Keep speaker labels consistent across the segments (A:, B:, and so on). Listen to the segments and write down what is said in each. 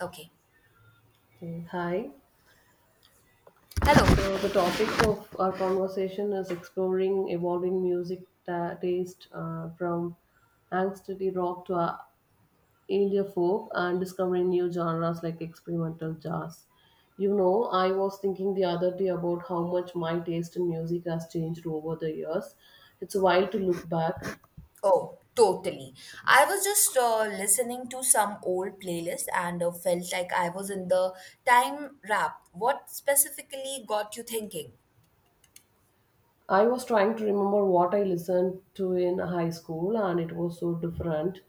A: Okay.
B: Okay, hi.
A: Hello.
B: So the topic of our conversation is exploring evolving taste from angsty rock to earlier folk and discovering new genres like experimental jazz. I was thinking the other day about how much my taste in music has changed over the years. It's wild to look back.
A: Oh, totally. I was just listening to some old playlist and felt like I was in the time wrap. What specifically got you thinking?
B: I was trying to remember what I listened to in high school, and it was so different.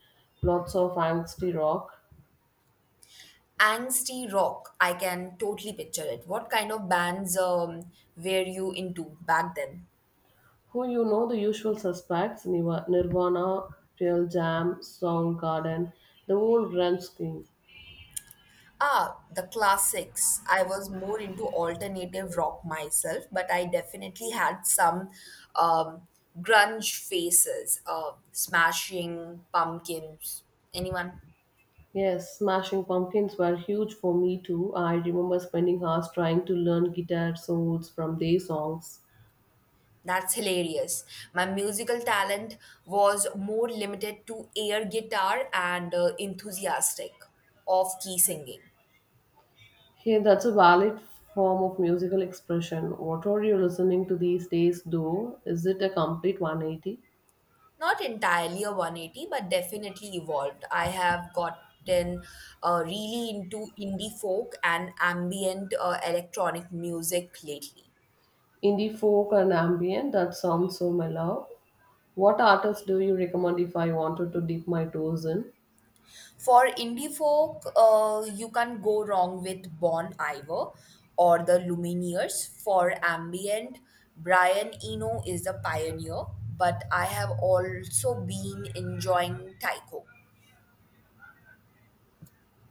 B: Lots of angsty rock
A: Angsty rock. I can totally picture it. What kind of bands were you into back then?
B: who the usual suspects Nirvana, Pearl Jam, Soundgarden, the whole grunge scene.
A: Ah, the classics. I was more into alternative rock myself, but I definitely had some um, grunge faces, Smashing Pumpkins. Anyone?
B: Yes, Smashing Pumpkins were huge for me too. I remember spending hours trying to learn guitar solos from their songs.
A: That's hilarious. My musical talent was more limited to air guitar and enthusiastic off key singing.
B: Hey, that's a valid form of musical expression. What are you listening to these days, though? Is it a complete 180?
A: Not entirely a 180, but definitely evolved. I have gotten really into indie folk and ambient electronic music lately.
B: Indie folk and ambient, that sounds so mellow. What artists do you recommend if I wanted to dip my toes in?
A: For indie folk, you can't go wrong with Bon Iver or the Lumineers. For ambient, Brian Eno is the pioneer, but I have also been enjoying Tycho.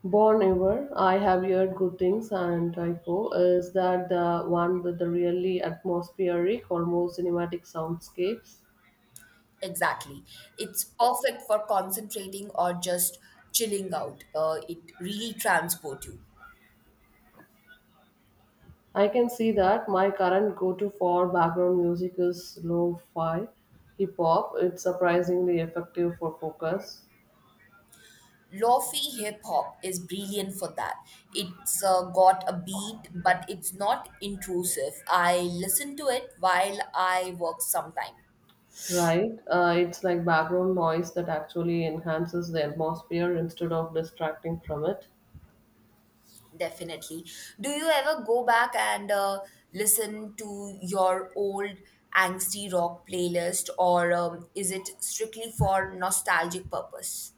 B: Born Ever, I have heard good things, and Tycho, is that the one with the really atmospheric, almost cinematic soundscapes?
A: Exactly. It's perfect for concentrating or just chilling out. It really transport you.
B: I can see that my current go to for background music is lo fi hip hop. It's surprisingly effective for focus,
A: Lofi hip hop is brilliant for that. It's got a beat, but it's not intrusive. I listen to it while I work sometime.
B: right? It's like background noise that actually enhances the atmosphere instead of distracting from it.
A: Definitely. Do you ever go back and listen to your old angsty rock playlist, or is it strictly for nostalgic purpose?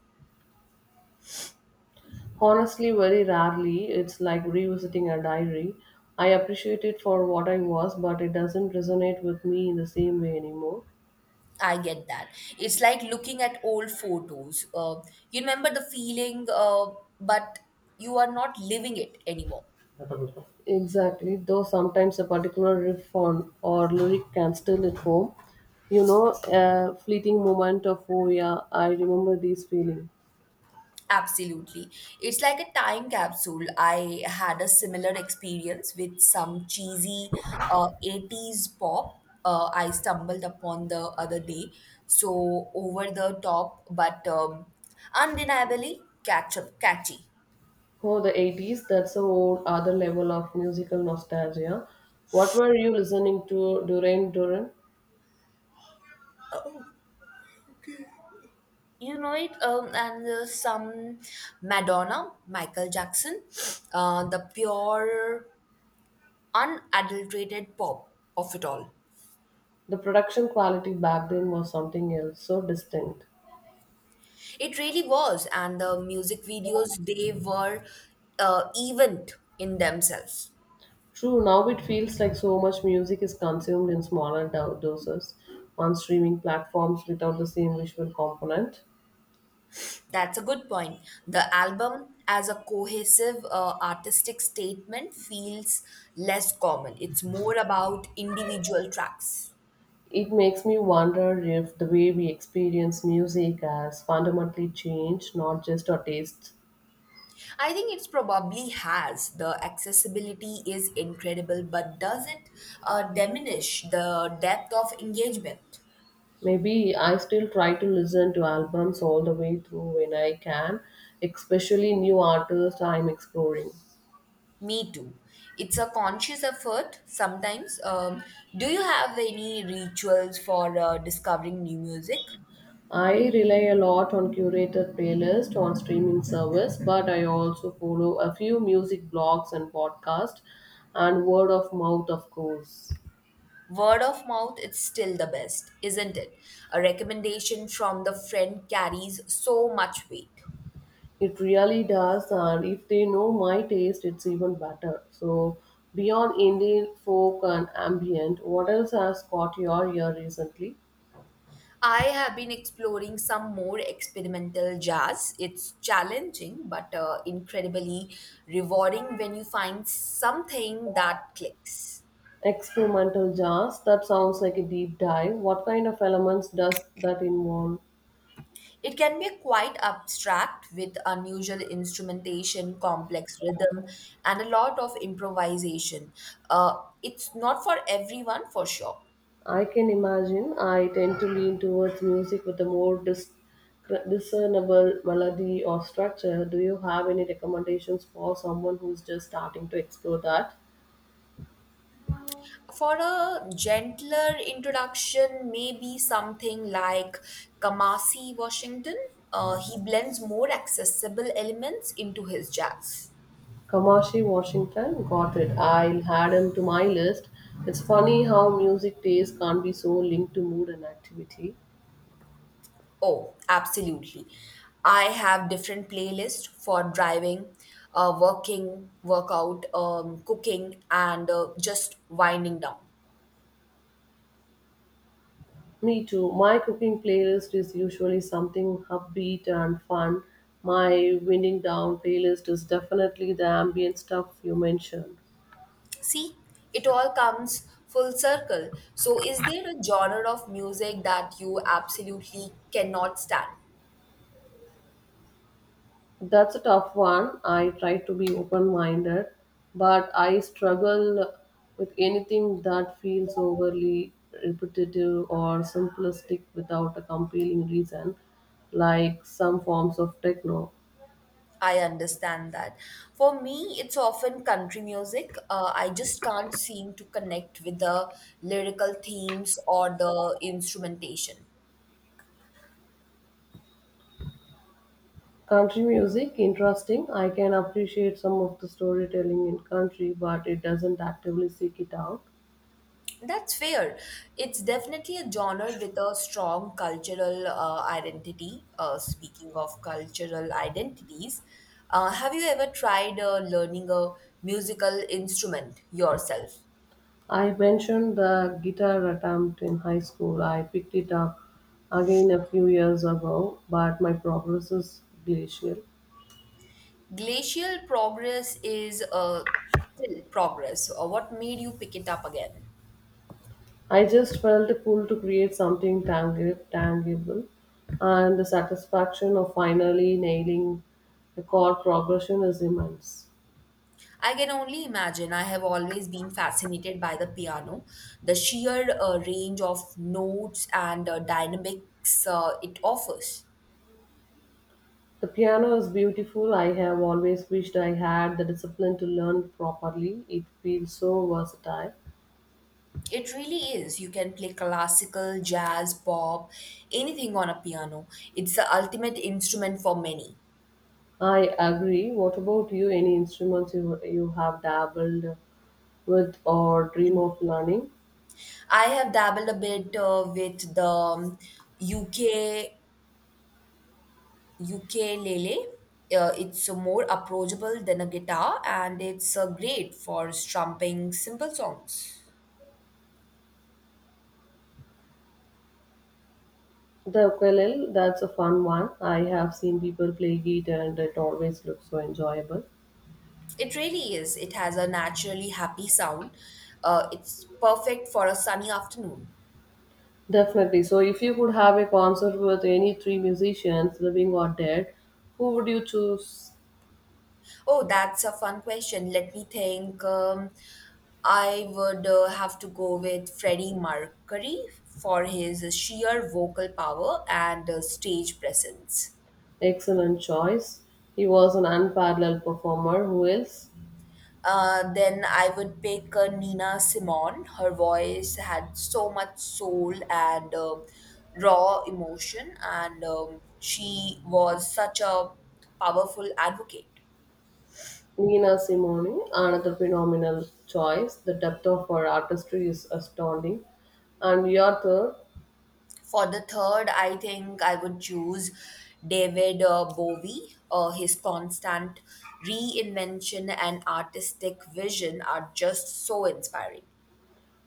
B: Honestly, very rarely. It's like revisiting a diary. I appreciate it for what I was, but it doesn't resonate with me in the same way anymore.
A: I get that. It's like looking at old photos. You remember the feeling, but you are not living it anymore.
B: Exactly, though sometimes a particular riff on or lyric can still hit home. A fleeting moment of, oh yeah, I remember this feeling.
A: Absolutely. It's like a time capsule. I had a similar experience with some cheesy 80s pop I stumbled upon the other day. So over the top, but undeniably catchy.
B: Oh, the 80s, that's a whole other level of musical nostalgia. What were you listening to during Duran?
A: You know it, and some Madonna, Michael Jackson, the pure, unadulterated pop of it all.
B: The production quality back then was something else, so distinct.
A: It really was, and the music videos they were event in themselves.
B: True, now it feels like so much music is consumed in smaller doses on streaming platforms without the same visual component.
A: That's a good point. The album, as a cohesive artistic statement, feels less common. It's more about individual tracks.
B: It makes me wonder if the way we experience music has fundamentally changed, not just our tastes.
A: I think it's probably has. The accessibility is incredible, but does it diminish the depth of engagement?
B: Maybe I still try to listen to albums all the way through when I can, especially new artists I'm exploring.
A: Me too. It's a conscious effort sometimes. Do you have any rituals for discovering new music?
B: I rely a lot on curated playlist on streaming service, but I also follow a few music blogs and podcasts and word of mouth of course.
A: Word of mouth, it's still the best, isn't it? A recommendation from the friend carries so much weight.
B: It really does, and if they know my taste it's even better. So beyond indie folk and ambient, what else has caught your ear recently?
A: I have been exploring some more experimental jazz. It's challenging, but incredibly rewarding when you find something that clicks.
B: Experimental jazz, that sounds like a deep dive. What kind of elements does that involve?
A: It can be quite abstract with unusual instrumentation, complex rhythm, and a lot of improvisation. Uh, it's not for everyone for sure.
B: I can imagine. I tend to lean towards music with a more discernible melody or structure. Do you have any recommendations for someone who's just starting to explore that?
A: For a gentler introduction, maybe something like Kamasi Washington. He blends more accessible elements into his jazz.
B: Kamashi Washington, got it. I'll add him to my list. It's funny how music taste can't be so linked to mood and activity.
A: Oh, absolutely. I have different playlists for driving, working, workout, cooking, and just winding down.
B: Me too. My cooking playlist is usually something upbeat and fun. My winding down playlist is definitely the ambient stuff you mentioned.
A: See, it all comes full circle. So, is there a genre of music that you absolutely cannot stand?
B: That's a tough one. I try to be open minded, but I struggle with anything that feels overly repetitive or simplistic without a compelling reason, like some forms of techno.
A: I understand that. For me, it's often country music. I just can't seem to connect with the lyrical themes or the instrumentation.
B: Country music, interesting. I can appreciate some of the storytelling in country, but it doesn't actively seek it out.
A: That's fair. It's definitely a genre with a strong cultural identity. Speaking of cultural identities, have you ever tried learning a musical instrument yourself?
B: I mentioned the guitar attempt in high school. I picked it up again a few years ago, but my progress is glacial.
A: Glacial progress is still progress. What made you pick it up again?
B: I just felt pulled to create something tangible, and the satisfaction of finally nailing the chord progression is immense.
A: I can only imagine. I have always been fascinated by the piano, the sheer range of notes and dynamics it offers.
B: The piano is beautiful. I have always wished I had the discipline to learn properly. It feels so versatile.
A: It really is. You can play classical, jazz, pop, anything on a piano. It's the ultimate instrument for many.
B: I agree. What about you? Any instruments you have dabbled with or dream of learning?
A: I have dabbled a bit with the UK ukulele. It's more approachable than a guitar, and it's great for strumming simple songs.
B: The ukulele, that's a fun one. I have seen people play it and it always looks so enjoyable.
A: It really is. It has a naturally happy sound. It's perfect for a sunny afternoon.
B: Definitely. So, if you could have a concert with any three musicians, living or dead, who would you choose?
A: Oh, that's a fun question. Let me think. I would have to go with Freddie Mercury for his sheer vocal power and stage presence.
B: Excellent choice. He was an unparalleled performer. Who else?
A: Then I would pick Nina Simone. Her voice had so much soul and raw emotion, and she was such a powerful advocate.
B: Nina Simone, another phenomenal choice. The depth of her artistry is astounding. And Yather
A: For the third, I think I would choose David Bowie. His constant reinvention and artistic vision are just so inspiring.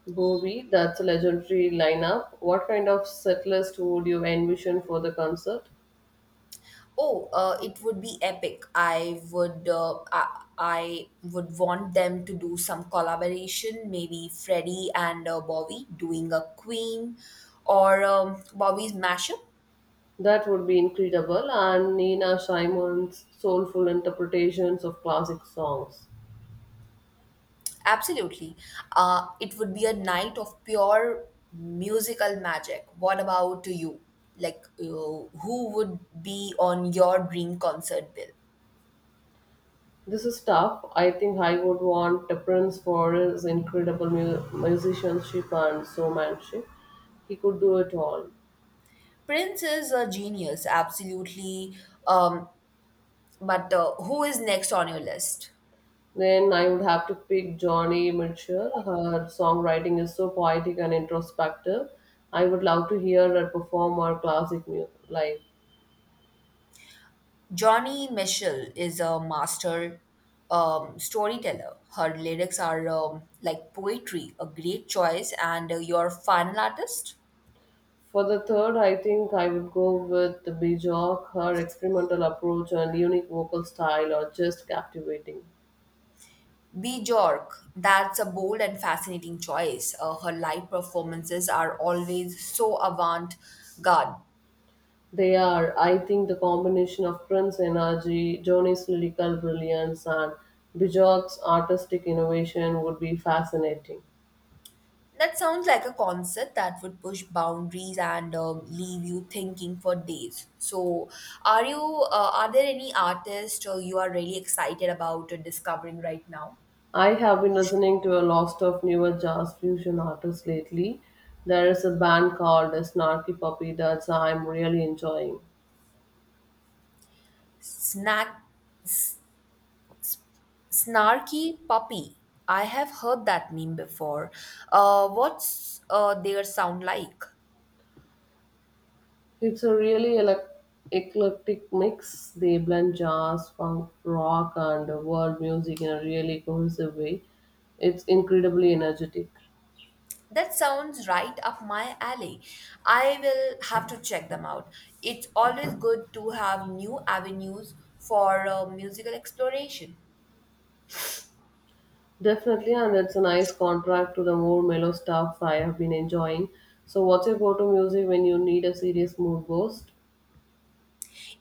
B: Bowie, that's a legendary lineup. What kind of set list would you envision for the concert?
A: Oh, it would be epic. I would want them to do some collaboration, maybe Freddie and Bowie doing a Queen or Bowie's mashup.
B: That would be incredible. And Nina Simone's soulful interpretations of classic songs.
A: Absolutely. It would be a night of pure musical magic. What about you? Like, who would be on your dream concert bill?
B: This is tough. I think I would want the Prince for his incredible musicianship and showmanship. He could do it all.
A: Prince is a genius, absolutely. Um, but who is next on your list?
B: Then I would have to pick Johnny Mitchell. Her songwriting is so poetic and introspective. I would love to hear her perform her classic music live.
A: Johnny Mitchell is a master storyteller. Her lyrics are like poetry, a great choice. And your final artist?
B: For the third, I think I would go with the Bjork. Her experimental approach and unique vocal style are just captivating.
A: B. Jork. That's a bold and fascinating choice. Her live performances are always so avant garde.
B: They are, I think, the combination of Prince's energy, Johnny's lyrical brilliance, and Bjork's artistic innovation would be fascinating.
A: That sounds like a concert that would push boundaries and leave you thinking for days. So, are you? Are there any artists you are really excited about discovering right now?
B: I have been listening to a lot of newer jazz fusion artists lately. There is a band called Snarky Puppy that I'm really enjoying.
A: Snack, snarky puppy. I have heard that meme before. What's their sound like?
B: It's a really eclectic mix. They blend jazz, funk, rock, and world music in a really cohesive way. It's incredibly energetic.
A: That sounds right up my alley. I will have to check them out. It's always good to have new avenues for musical exploration.
B: Definitely, and it's a nice contrast to the more mellow stuff I have been enjoying. So, what's your go to music when you need a serious mood boost?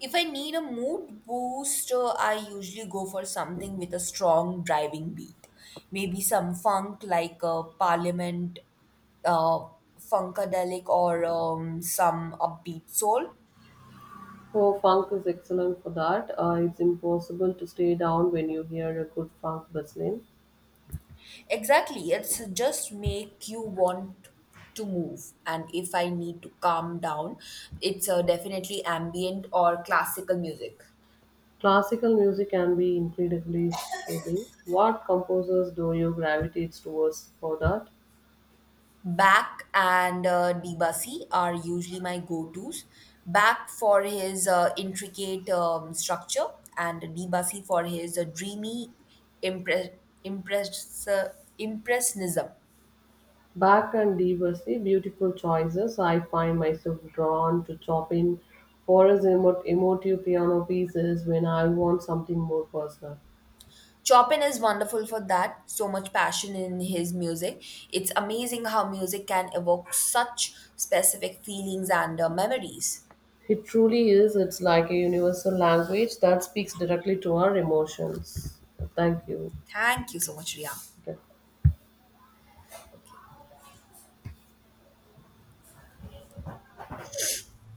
A: If I need a mood boost, I usually go for something with a strong driving beat. Maybe some funk like a Parliament, uh, Funkadelic, or some upbeat soul.
B: Oh, funk is excellent for that. It's impossible to stay down when you hear a good funk bustling.
A: Exactly, it's just make you want to move. And if I need to calm down, it's definitely ambient or classical music.
B: Classical music can be incredibly soothing. What composers do you gravitate towards for that?
A: Back and Debussy are usually my go-tos. Back for his intricate structure, and Debussy for his dreamy impre- impress- uh, impressionism.
B: Bach and De Bussy, beautiful choices. I find myself drawn to Chopin for his emotive piano pieces when I want something more personal.
A: Chopin is wonderful for that. So much passion in his music. It's amazing how music can evoke such specific feelings and memories.
B: It truly is. It's like a universal language that speaks directly to our emotions. Thank you.
A: Thank you so much, Ria.
B: Okay.
A: Okay.